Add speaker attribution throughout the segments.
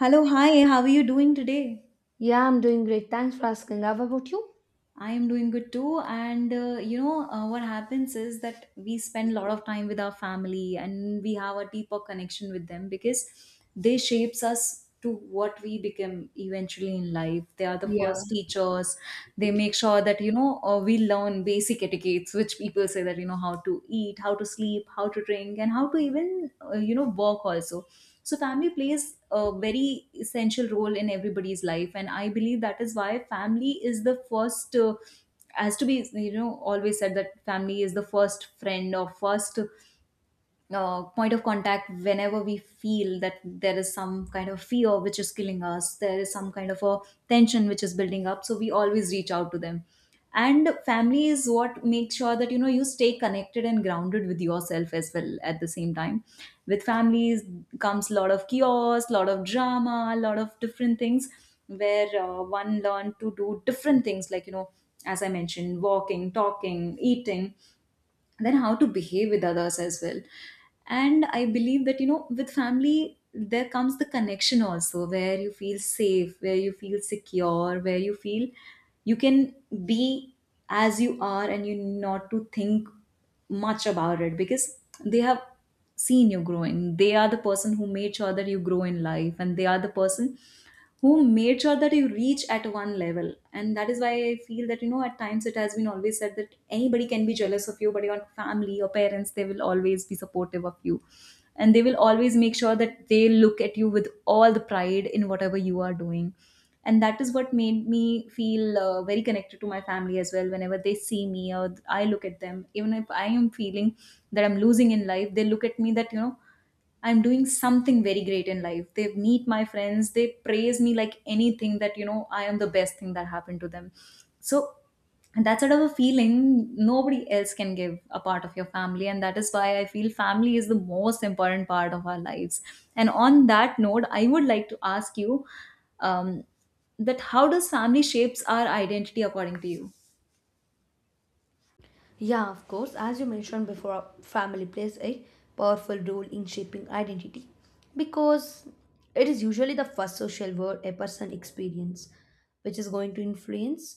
Speaker 1: Hello, hi, how are you doing today?
Speaker 2: Yeah, I'm doing great. Thanks for asking. How about you?
Speaker 1: I am doing good too. What happens is that we spend a lot of time with our family, and we have a deeper connection with them because they shapes us to what we become eventually in life. They are the
Speaker 2: Yeah.
Speaker 1: first teachers. They make sure that, we learn basic etiquettes, which people say that, you know, how to eat, how to sleep, how to drink, and how to even, work also. So family plays a very essential role in everybody's life, and I believe that is why family is the first. Has to be, you know, always said that family is the first friend or first point of contact whenever we feel that there is some kind of fear which is killing us, there is some kind of a tension which is building up. So we always reach out to them. And family is what makes sure that you know you stay connected and grounded with yourself as well at the same time. With families comes a lot of chaos, lot of drama, a lot of different things where one learn to do different things like, you know, as I mentioned, walking, talking, eating, then how to behave with others as well. And I believe that you know with family there comes the connection also, where you feel safe, where you feel secure, where you feel you can be as you are, and you not to think much about it because they have seen you grow in. They are the person who made sure that you grow in life, and they are the person who made sure that you reach at one level. And that is why I feel that, you know, at times it has been always said that anybody can be jealous of you, but your family, your parents, they will always be supportive of you. And they will always make sure that they look at you with all the pride in whatever you are doing. And that is what made me feel very connected to my family as well. Whenever they see me or I look at them, even if I am feeling that I'm losing in life, they look at me that you know I'm doing something very great in life. They meet my friends, they praise me like anything that you know I am the best thing that happened to them. So, and that sort of a feeling nobody else can give, a part of your family, and that is why I feel family is the most important part of our lives. And on that note, I would like to ask you um, that how does family shapes our identity, according to you?
Speaker 2: Yeah, of course. As you mentioned before, family plays a powerful role in shaping identity because it is usually the first social world a person experience, which is going to influence,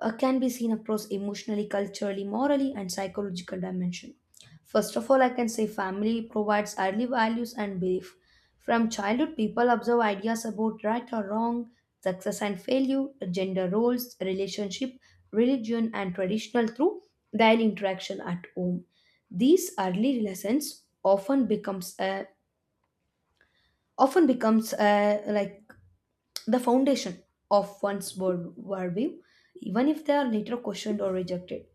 Speaker 2: can be seen across emotionally, culturally, morally, and psychological dimension. First of all, I can say family provides early values and belief. From childhood, people observe ideas about right or wrong, success and failure, gender roles, relationship, religion, and traditional through daily interaction at home. These early lessons often becomes a, like the foundation of one's worldview, even if they are later questioned or rejected.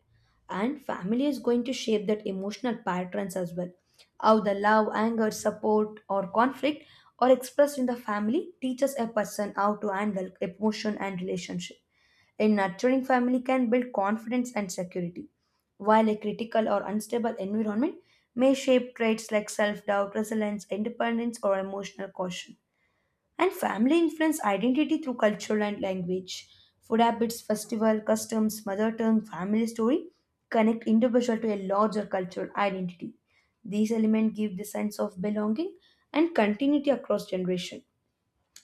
Speaker 2: And family is going to shape that emotional patterns as well. How the love, anger, support, or conflict are expressed in the family teaches a person how to handle emotion and relationship. A nurturing family can build confidence and security, while a critical or unstable environment may shape traits like self doubt, resilience, independence, or emotional caution. And family influence identity through culture and language. Food habits, festival, customs, mother tongue, family story connect individual to a larger cultural identity. These elements give the sense of belonging and continuity across generation.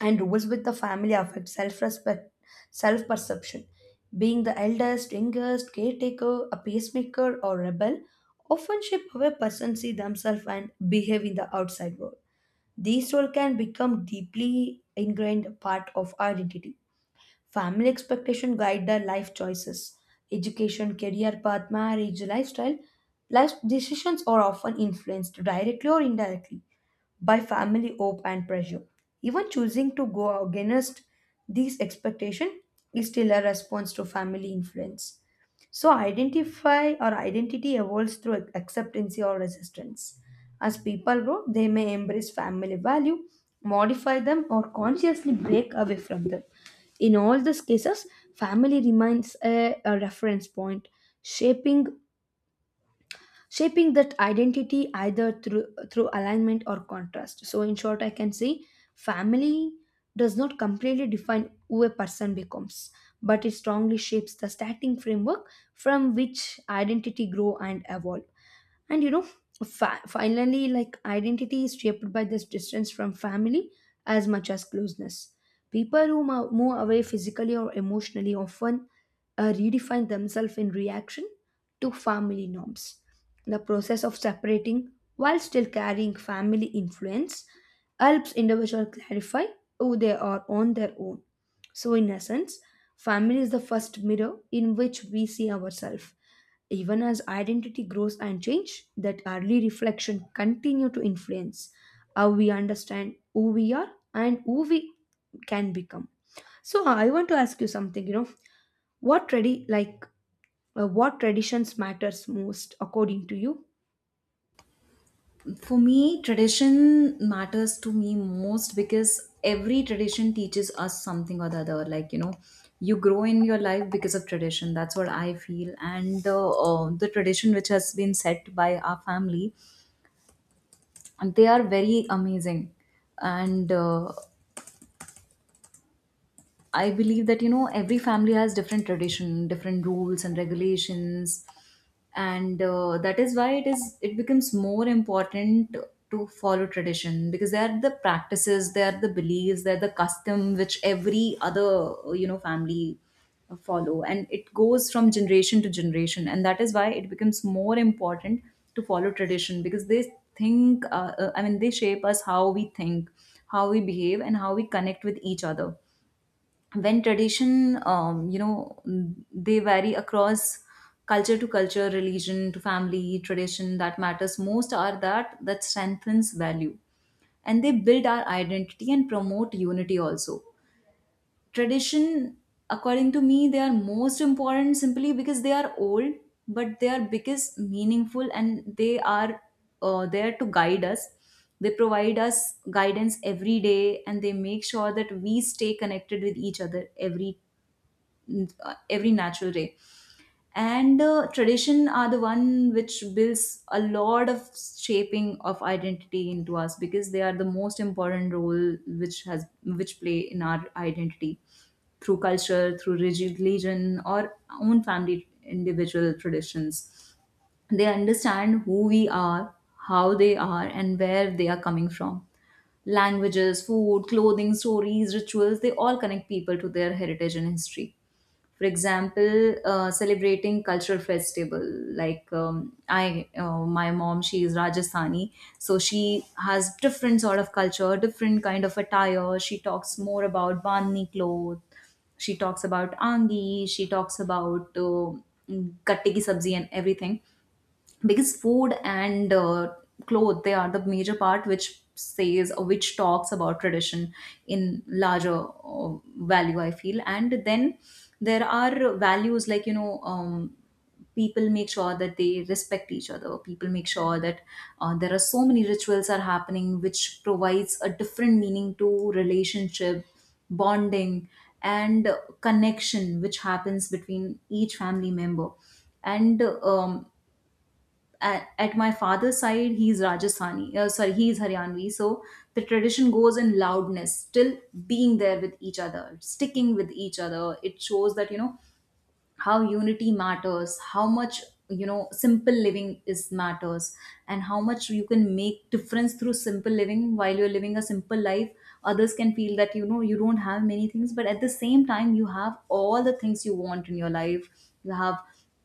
Speaker 2: And rules with the family affect self-respect, self-perception. Being the eldest, youngest, caretaker, a peacemaker, or rebel often shape how a person see themselves and behave in the outside world. These roles can become deeply ingrained part of our identity. Family expectation guide their life choices. Education, career path, marriage, lifestyle, life decisions are often influenced directly or indirectly by family hope and pressure. Even choosing to go against these expectations is still a response to family influence. So identify or identity evolves through acceptance or resistance. As people grow, they may embrace family value, modify them, or consciously break away from them. In all these cases, family remains a reference point, shaping shaping that identity either through alignment or contrast. So in short, I can say family does not completely define who a person becomes, but it strongly shapes the starting framework from which identity grow and evolve. And you know, finally, like, identity is shaped by this distance from family as much as closeness. People who move away physically or emotionally often redefine themselves in reaction to family norms. The process of separating while still carrying family influence helps individual clarify who they are on their own. So in essence, family is the first mirror in which we see ourselves. Even as identity grows and change, that early reflection continue to influence how we understand who we are and who we can become. So I want to ask you something, you know, like what traditions matters most according to you?
Speaker 1: For me, tradition matters to me most because every tradition teaches us something or the other, like you know you grow in your life because of tradition, that's what I feel. And the tradition which has been set by our family, and they are very amazing. And I believe that you know every family has different tradition, different rules and regulations, and that is why it becomes more important to follow tradition, because they are the practices, they are the beliefs, they are the custom which every other you know family follow, and it goes from generation to generation. And that is why it becomes more important to follow tradition, because they think I mean they shape us how we think, how we behave, and how we connect with each other. When tradition, you know, they vary across culture to culture, religion to family, tradition that matters most are that that strengthens value, and they build our identity and promote unity also. Tradition, according to me, they are most important simply because they are old, but they are biggest meaningful, and they are there to guide us. They provide us guidance every day, and they make sure that we stay connected with each other every natural day. And tradition are the one which builds a lot of shaping of identity into us, because they are the most important role which has which play in our identity through culture, through rigid religion, or own family individual traditions. They understand who we are, how they are, and where they are coming from. Languages, food, clothing, stories, rituals, they all connect people to their heritage and history. For example, celebrating cultural festival like, I my mom, she is Rajasthani, so she has different sort of culture, different kind of attire. She talks more about bandhni cloth, she talks about angi, she talks about gatte ki sabzi and everything, because food and clothes, they are the major part which says or which talks about tradition in larger value, I feel. And then there are values like, you know, people make sure that they respect each other, people make sure that there are so many rituals are happening, which provides a different meaning to relationship, bonding, and connection which happens between each family member. And at my father's side, he's Rajasthani, sorry, he's Haryanvi, so the tradition goes in loudness. Still being there with each other, sticking with each other, it shows that you know how unity matters, how much you know simple living is matters, and how much you can make difference through simple living. While you're living a simple life, others can feel that you know you don't have many things, but at the same time you have all the things you want in your life. You have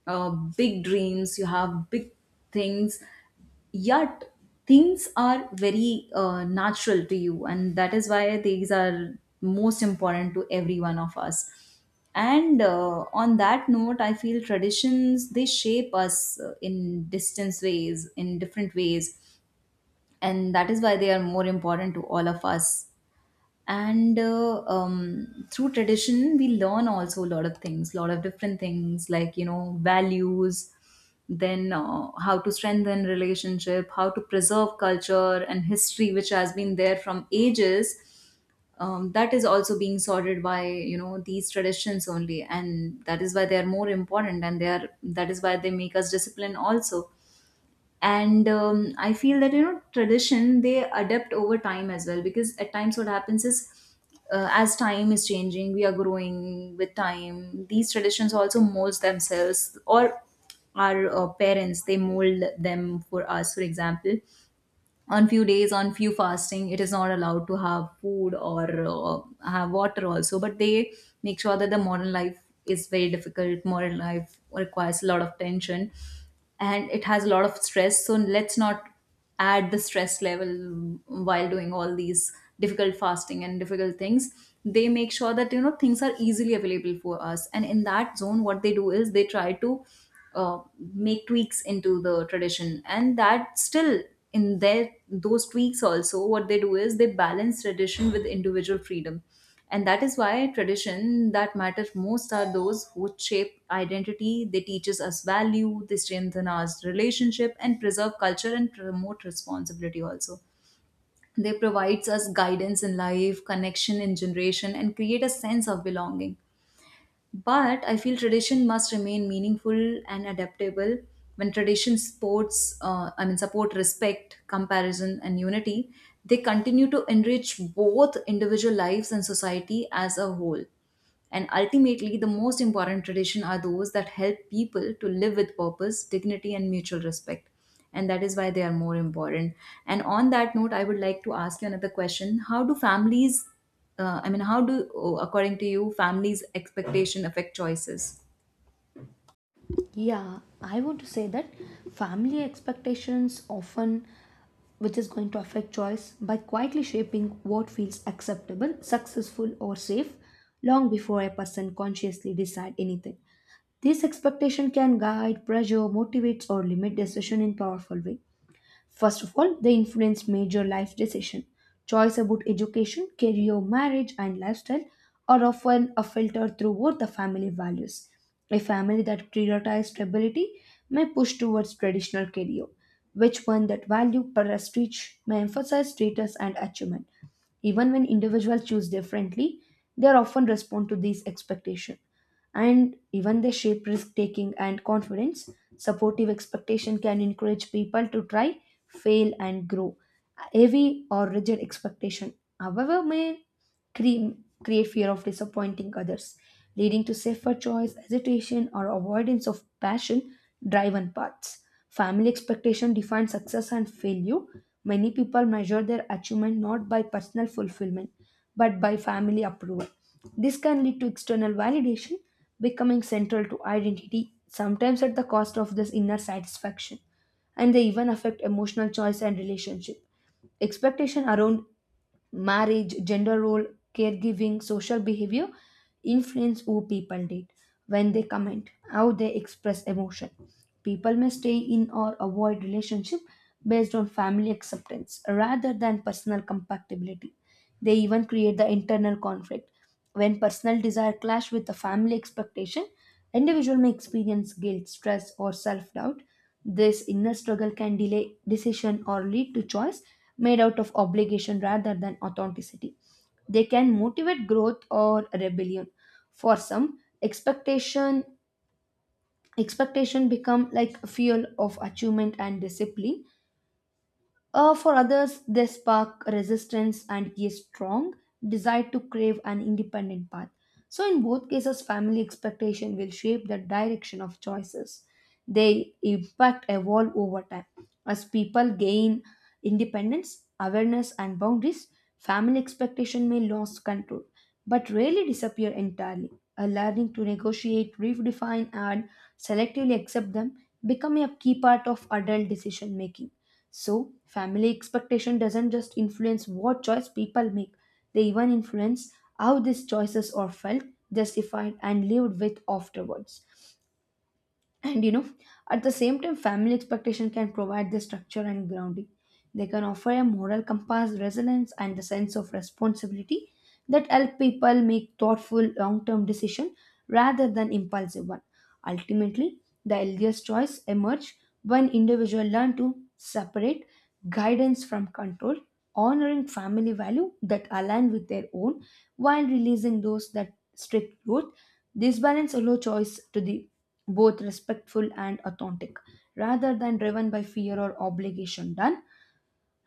Speaker 1: uh, big dreams, you have big things, yet things are very natural to you, and that is why these are most important to every one of us. And on that note, I feel traditions they shape us in different ways, and that is why they are more important to all of us. And through tradition we learn also a lot of things, a lot of different things, like you know, values, then how to strengthen relationship, how to preserve culture and history which has been there from ages. That is also being sorted by you know these traditions only, and that is why they are more important, and they are that is why they make us discipline also. And I feel that you know tradition they adapt over time as well, because at times what happens is as time is changing, we are growing with time, these traditions also molds themselves, or our parents they mold them for us. For example, on few days, on few fasting, it is not allowed to have food or have water also, but they make sure that the modern life is very difficult, modern life requires a lot of tension, and it has a lot of stress, so let's not add the stress level while doing all these difficult fasting and difficult things. They make sure that you know things are easily available for us, and in that zone what they do is they try to uh, make tweaks into the tradition, and that still, in their those tweaks also, what they do is they balance tradition with individual freedom. And that is why tradition that matter most are those who shape identity, they teaches us value, they strengthen our relationship and preserve culture and promote responsibility also. They provides us guidance in life, connection in generation, and create a sense of belonging. But I feel tradition must remain meaningful and adaptable. When tradition I mean, support respect, comparison, and unity, they continue to enrich both individual lives and society as a whole. And ultimately, the most important tradition are those that help people to live with purpose, dignity, and mutual respect. And that is why they are more important. And on that note, I would like to ask you another question. How do families I mean, how do, oh, according to you, families' expectation affect choices?
Speaker 2: Yeah, I want to say that family expectations often which is going to affect choice by quietly shaping what feels acceptable, successful or safe long before a person consciously decide anything. This expectation can guide, pressure, motivates, or limit decision in powerful way. First of all, they influence major life decision. Choice about education, career, marriage, and lifestyle are often a filter through what the family values. A family that prioritizes stability may push towards traditional career, which one that value prestige may emphasize status and achievement. Even when individuals choose differently, they often respond to these expectations, and even they shape risk taking and confidence. Supportive expectation can encourage people to try, fail, and grow. Heavy or rigid expectation, however, may cre- create fear of disappointing others, leading to safer choice, hesitation, or avoidance of passion driven paths. Family expectation defines success and failure. Many people measure their achievement not by personal fulfillment but by family approval. This can lead to external validation becoming central to identity, sometimes at the cost of this inner satisfaction, and they even affect emotional choice and relationship. Expectation around marriage, gender role, caregiving, social behavior influence who people date, when they comment, how they express emotion. People may stay in or avoid relationship based on family acceptance rather than personal compatibility. They even create the internal conflict when personal desire clash with the family expectation, individual may experience guilt, stress, or self-doubt. This inner struggle can delay decision or lead to choice made out of obligation rather than authenticity. They can motivate growth or rebellion. For some, expectation become like a fuel of achievement and discipline. For others, they spark resistance and a strong desire to crave an independent path. So, in both cases, family expectation will shape the direction of choices. They, in fact, evolve over time. As people gain independence, awareness, and boundaries, family expectation may lose control, but rarely disappear entirely. A learning to negotiate, redefine, and selectively accept them become a key part of adult decision making. So, family expectation doesn't just influence what choice people make, they even influence how these choices are felt, justified, and lived with afterwards. And you know, at the same time, family expectation can provide the structure and grounding. They can offer a moral compass, resilience, and the sense of responsibility that help people make thoughtful long-term decision rather than impulsive one. Ultimately, the healthiest choice emerge when individual learn to separate guidance from control, honoring family value that align with their own while releasing those that strict growth. This balance allows choice to the both respectful and authentic rather than driven by fear or obligation done.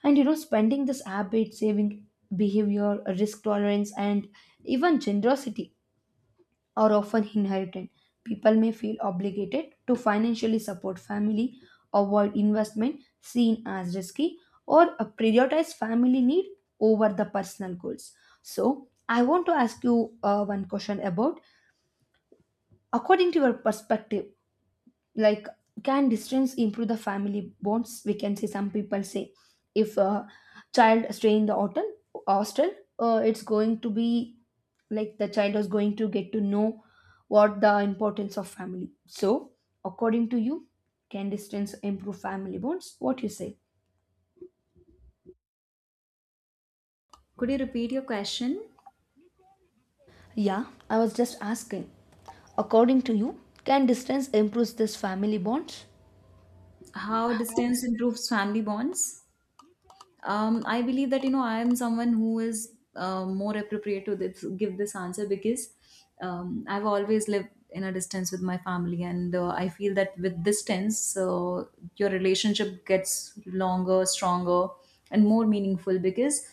Speaker 2: And you know, spending this habit, saving behavior, risk tolerance, and even generosity are often inherited. People may feel obligated to financially support family, avoid investment seen as risky, or prioritize family need over the personal goals. So I want to ask you, one question about, according to your perspective, like, can distance improve the family bonds? We can say some people say if a child stay in the hotel hostel, it's going to be like the child is going to get to know what the importance of family. So according to you, can distance improve family bonds? What you say?
Speaker 1: Could you repeat your question?
Speaker 2: Yeah, I was just asking, according to you, can distance improve this family bonds?
Speaker 1: How distance improves family bonds? I believe that I am someone who is more appropriate to this, give this answer because I've always lived in a distance with my family, and I feel that with distance, your relationship gets longer, stronger, and more meaningful because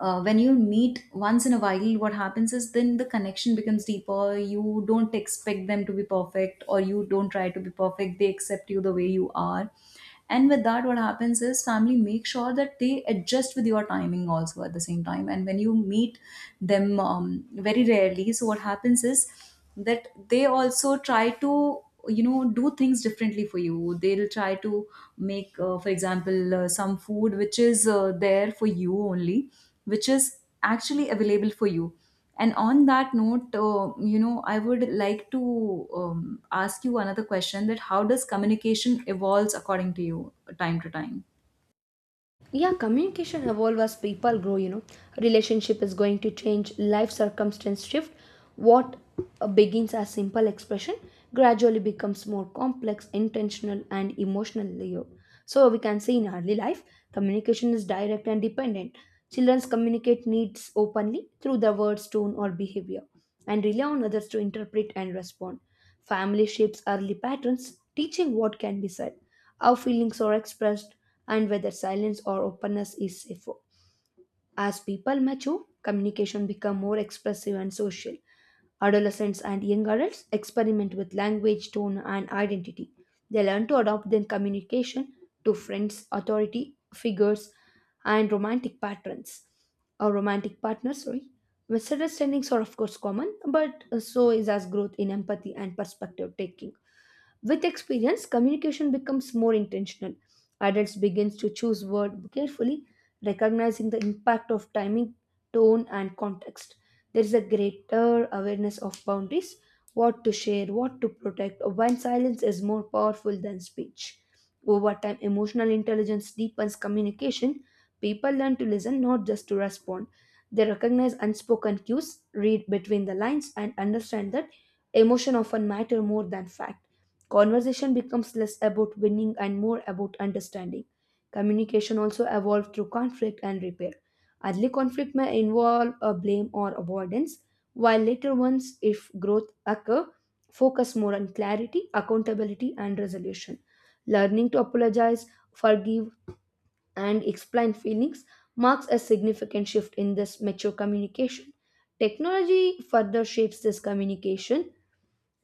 Speaker 1: when you meet once in a while what happens is then the connection becomes deeper. You don't expect them to be perfect or you don't try to be perfect, they accept you the way you are. And with that what happens is family make sure that they adjust with your timing also at the same time. And when you meet them very rarely, so what happens is that they also try to do things differently for you. They'll try to make for example some food which is there for you only, which is actually available for you. And on that note I would like to ask you another question, that how does communication evolves according to you time to time?
Speaker 2: Yeah, communication evolve as people grow, you know, relationship is going to change, life circumstance shift. What begins as simple expression gradually becomes more complex, intentional and emotional layer. So we can say in early life, communication is direct and dependent. Children communicate needs openly through their words, tone or behavior, and rely on others to interpret and respond. Family shapes early patterns, teaching what can be said, how feelings are expressed, and whether silence or openness is safer. As people mature, communication becomes more expressive and social. Adolescents and young adults experiment with language, tone, and identity. They learn to adopt their communication to friends, authority figures, and romantic patterns or romantic partners. Sorry, misunderstandings are of course common, but so is as growth in empathy and perspective taking. With experience, communication becomes more intentional. Adults begins to choose words carefully, recognizing the impact of timing, tone, and context. There is a greater awareness of boundaries, what to share, what to protect, when silence is more powerful than speech. Over time, emotional intelligence deepens communication. People learn to listen, not just to respond. They recognize unspoken cues, read between the lines, and understand that emotion often matter more than fact. Conversation becomes less about winning and more about understanding. Communication also evolved through conflict and repair. Early conflict may involve a blame or avoidance, while later ones, if growth occur, focus more on clarity, accountability, and resolution. Learning to apologize, forgive, and explain feelings marks a significant shift in this mature communication. Technology further shapes this communication,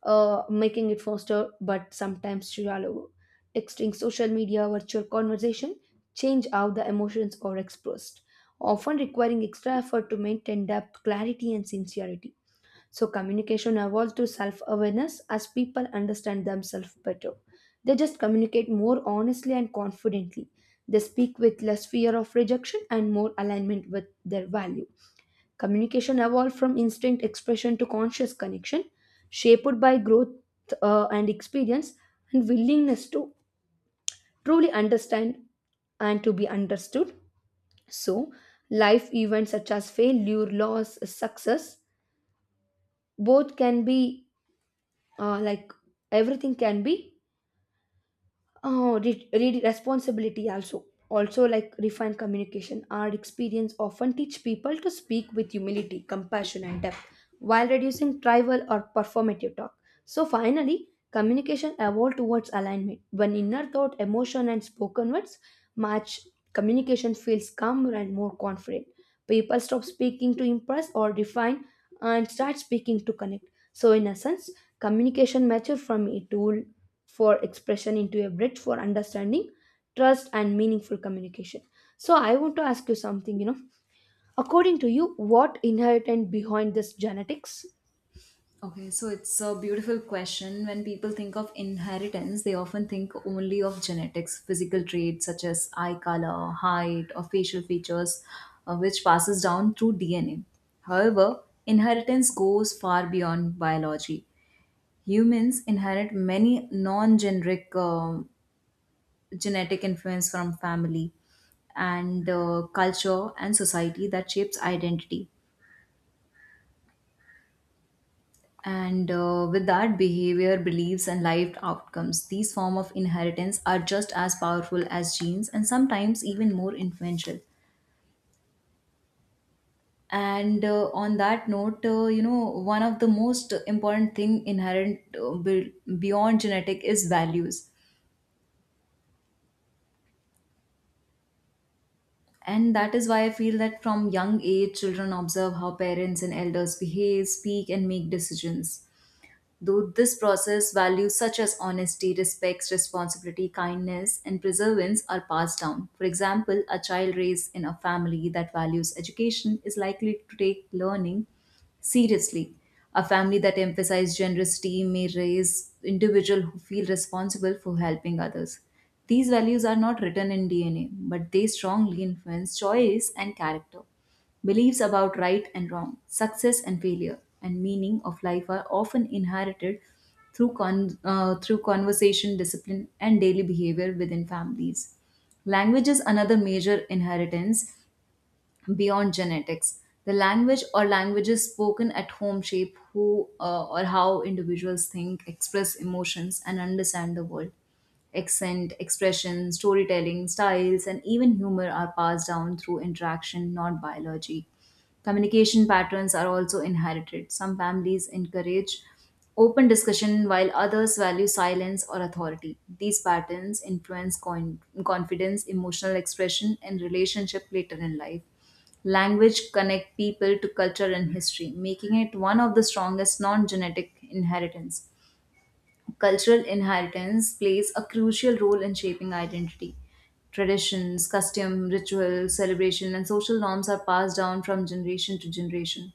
Speaker 2: making it faster but sometimes shallower. Texting, social media, virtual conversation change how the emotions are expressed, often requiring extra effort to maintain depth, clarity, and sincerity. So, communication evolves to self awareness as people understand themselves better. They just communicate more honestly and confidently. They speak with less fear of rejection and more alignment with their values. Communication evolved from instinct expression to conscious connection, shaped by growth, and experience and willingness to truly understand and to be understood. So, life events such as failure, loss, success, both can be, like, everything can be, oh, responsibility also. Also, like refined communication, our experience often teach people to speak with humility, compassion, and depth while reducing tribal or performative talk. So, finally, communication evolved towards alignment. When inner thought, emotion, and spoken words match, communication feels calmer and more confident. People stop speaking to impress or define and start speaking to connect. So, in essence, communication matured from a tool for expression into a bridge for understanding, trust, and meaningful communication. So, I want to ask you something. You know, according to you, what inherent behind this genetics?
Speaker 1: Okay, so it's a beautiful question. When people think of inheritance, they often think only of genetics, physical traits such as eye color, height, or facial features, which passes down through DNA. However, inheritance goes far beyond biology. Humans inherit many non-generic genetic influence from family and culture and society that shapes identity and with that behavior, beliefs and lived outcomes. These form of inheritance are just as powerful as genes and sometimes even more influential. And on that note one of the most important thing inherent beyond genetic is values. And that is why I feel that from young age children observe how parents and elders behave, speak and make decisions. Though this process, values such as honesty, respect, responsibility, kindness, and perseverance are passed down. For example, a child raised in a family that values education is likely to take learning seriously, a family that emphasizes generosity may raise individuals who feel responsible for helping others. These values are not written in DNA, but they strongly influence choice and character. Beliefs about right and wrong, success and failure, and meaning of life are often inherited through, through conversation, discipline, and daily behavior within families. Language is another major inheritance beyond genetics. The language or languages spoken at home shape who or how individuals think, express emotions, and understand the world. Accent, expression, storytelling, styles, and even humor are passed down through interaction, not biology. Communication patterns are also inherited. Some families encourage open discussion while others value silence or authority. These patterns influence confidence, emotional expression, and relationship later in life. Language connect people to culture and history, making it one of the strongest non-genetic inheritance. Cultural inheritance plays a crucial role in shaping identity. Traditions, custom, ritual, celebration, and social norms are passed down from generation to generation.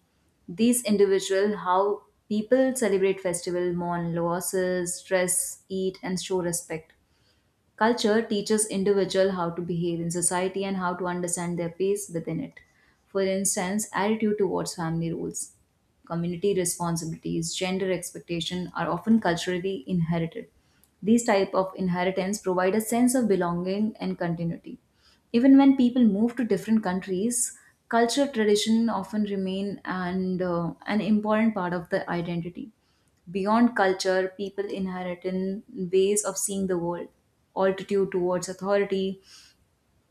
Speaker 1: These individual how people celebrate festival, mourn losses, dress, eat, and show respect. Culture teaches individual how to behave in society and how to understand their place within it. For instance, attitude towards family roles, community responsibilities, gender expectation are often culturally inherited. These type of inheritance provide a sense of belonging and continuity. Even when people move to different countries, culture tradition often remain and an important part of the identity. Beyond culture, people inherit in ways of seeing the world, altitude towards authority,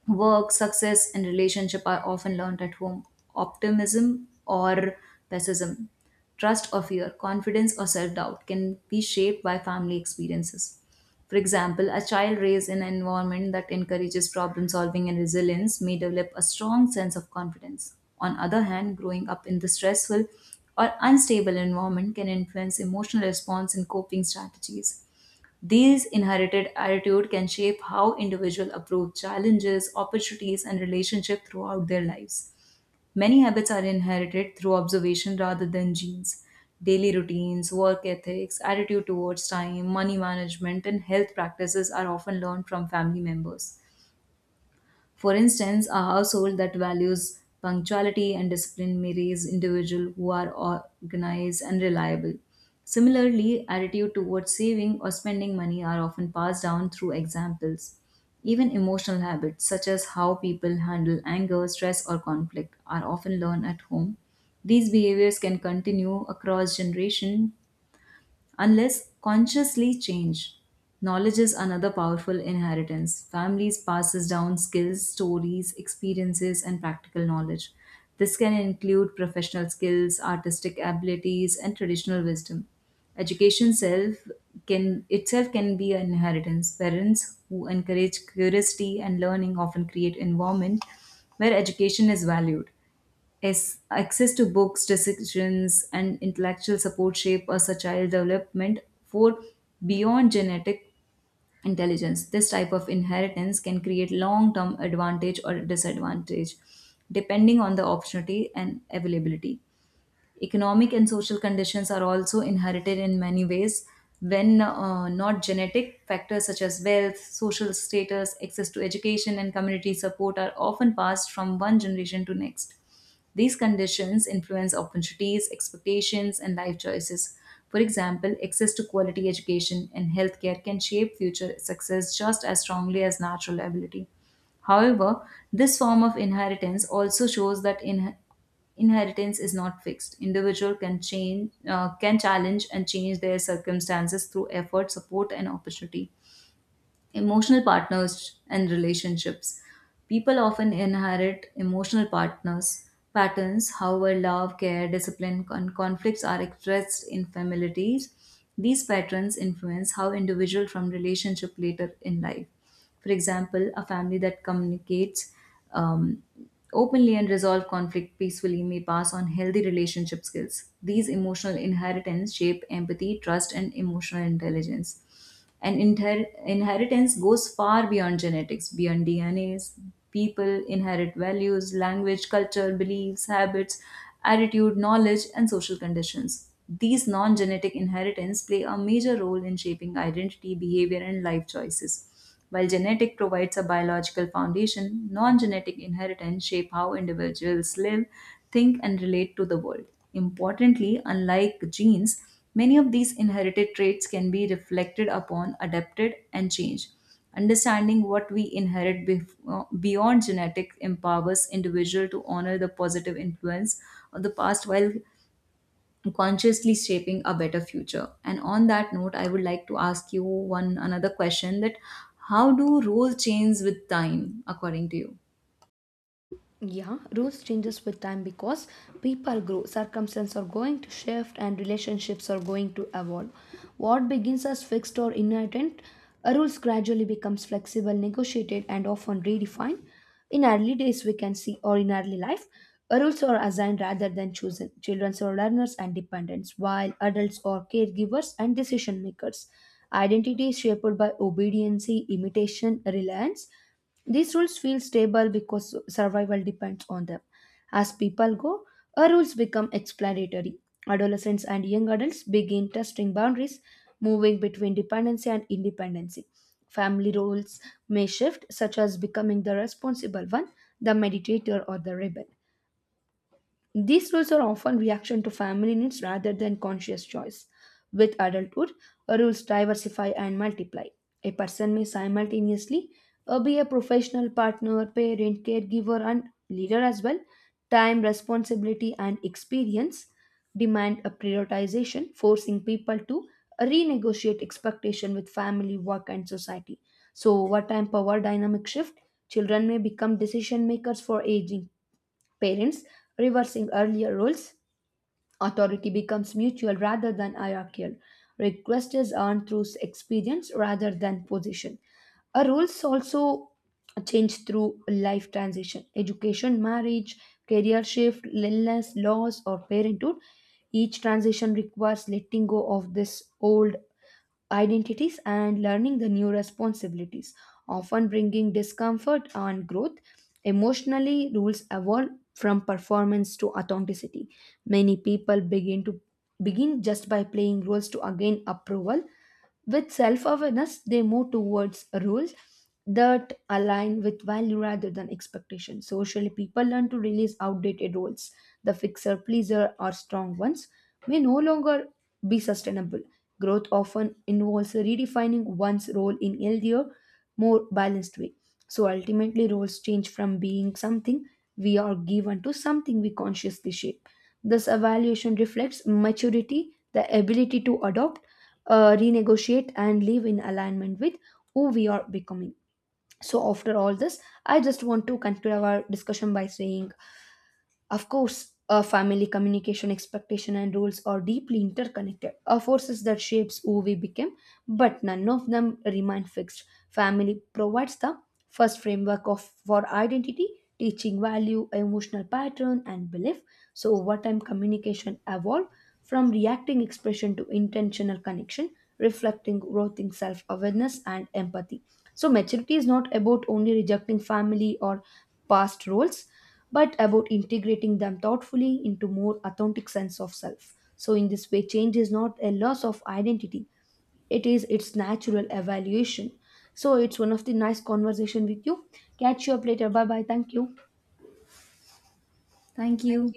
Speaker 1: work, success, and relationship are often learned at home. Optimism or pessimism, trust or fear, confidence or self doubt can be shaped by family experiences. For example, a child raised in an environment that encourages problem solving and resilience may develop a strong sense of confidence. On other hand, growing up in the stressful or unstable environment can influence emotional response and coping strategies. These inherited attitude can shape how individuals approach challenges, opportunities, and relationships throughout their lives. Many habits are inherited through observation rather than genes. Daily routines, work ethics, attitude towards time, money management, and health practices are often learned from family members. For instance, a household that values punctuality and discipline may raise individuals who are organized and reliable. Similarly, attitude towards saving or spending money are often passed down through examples. Even emotional habits, such as how people handle anger, stress, or conflict, are often learned at home. These behaviors can continue across generation unless consciously changed. Knowledge is another powerful inheritance. Families passes down skills, stories, experiences and practical knowledge. This can include professional skills, artistic abilities and traditional wisdom. Education self can itself can be an inheritance. Parents who encourage curiosity and learning often create environment where education is valued. Yes, access to books, decisions, and intellectual support shape as a child development for beyond genetic intelligence. This type of inheritance can create long term advantage or disadvantage depending on the opportunity and availability. Economic and social conditions are also inherited in many ways when not genetic factors such as wealth, social status, access to education, and community support are often passed from one generation to next. These conditions influence opportunities, expectations, and life choices. For example, access to quality education and healthcare can shape future success just as strongly as natural ability. However, this form of inheritance also shows that inheritance is not fixed. Individual can change, can challenge and change their circumstances through effort, support, and opportunity. Emotional partners and relationships. People often inherit emotional partners patterns, however, love, care, discipline, and conflicts are expressed in families. These patterns influence how individual from relationship later in life. For example, a family that communicates um, openly and resolve conflict peacefully may pass on healthy relationship skills. These emotional inheritance shape empathy, trust, and emotional intelligence. And inheritance goes far beyond genetics, beyond DNAs. People inherit values, language, culture, beliefs, habits, attitude, knowledge, and social conditions. These non genetic inheritance play a major role in shaping identity, behavior, and life choices. While genetic provides a biological foundation, non genetic inheritance shape how individuals live, think, and relate to the world. Importantly, unlike genes, many of these inherited traits can be reflected upon, adapted, and changed. Understanding what we inherit beyond genetics empowers individual to honor the positive influence of the past while consciously shaping a better future. And on that note, I would like to ask you one another question, that how do roles change with time according to you?
Speaker 2: Yeah, rules changes with time because people grow, circumstances are going to shift, and relationships are going to evolve. What begins as fixed or inherent rules gradually becomes flexible, negotiated and often redefined. In early days we can see, or in early life, rules are assigned rather than chosen. Children are learners and dependents while adults are caregivers and decision makers. Identity is shaped by obedience, imitation, reliance. These rules feel stable because survival depends on them. As people go, our rules become explanatory. Adolescents and young adults begin testing boundaries, moving between dependency and independency. Family roles may shift, such as becoming the responsible one, the meditator, or the rebel. These rules are often reaction to family needs rather than conscious choice. With adulthood, rules diversify and multiply. A person may simultaneously be a professional, partner, parent, caregiver, and leader as well. Time, responsibility, and experience demand a prioritization, forcing people to renegotiate expectation with family, work, and society. So, over time, power dynamic shift. Children may become decision makers for aging parents, reversing earlier roles. Authority becomes mutual rather than hierarchical. Request is earned through experience rather than position. Our roles also change through life transition. Education, marriage, career shift, illness, loss, or parenthood. Each transition requires letting go of this old identities and learning the new responsibilities, often bringing discomfort and growth. Emotionally, rules evolve from performance to authenticity. Many people begin just by playing roles to gain approval. With self-awareness, they move towards rules that align with value rather than expectation. Socially, people learn to release outdated roles. The fixer, pleaser, or strong ones may no longer be sustainable. Growth often involves redefining one's role in healthier, more balanced way. So ultimately, roles change from being something we are given to something we consciously shape. This evaluation reflects maturity, the ability to adopt, renegotiate, and live in alignment with who we are becoming. So, after all this, I just want to conclude our discussion by saying, of course, a family communication expectation and rules are deeply interconnected, are forces that shapes who we become, but none of them remain fixed. Family provides the first framework of for identity, teaching value, emotional pattern, and belief. So over time, communication evolve from reacting expression to intentional connection, reflecting growth in self-awareness and empathy. So maturity is not about only rejecting family or past roles, but about integrating them thoughtfully into more authentic sense of self. So in this way, change is not a loss of identity. It is its natural evaluation. So it's one of the nice conversation with you. Catch you up later. Bye bye. Thank you.
Speaker 1: Thank you.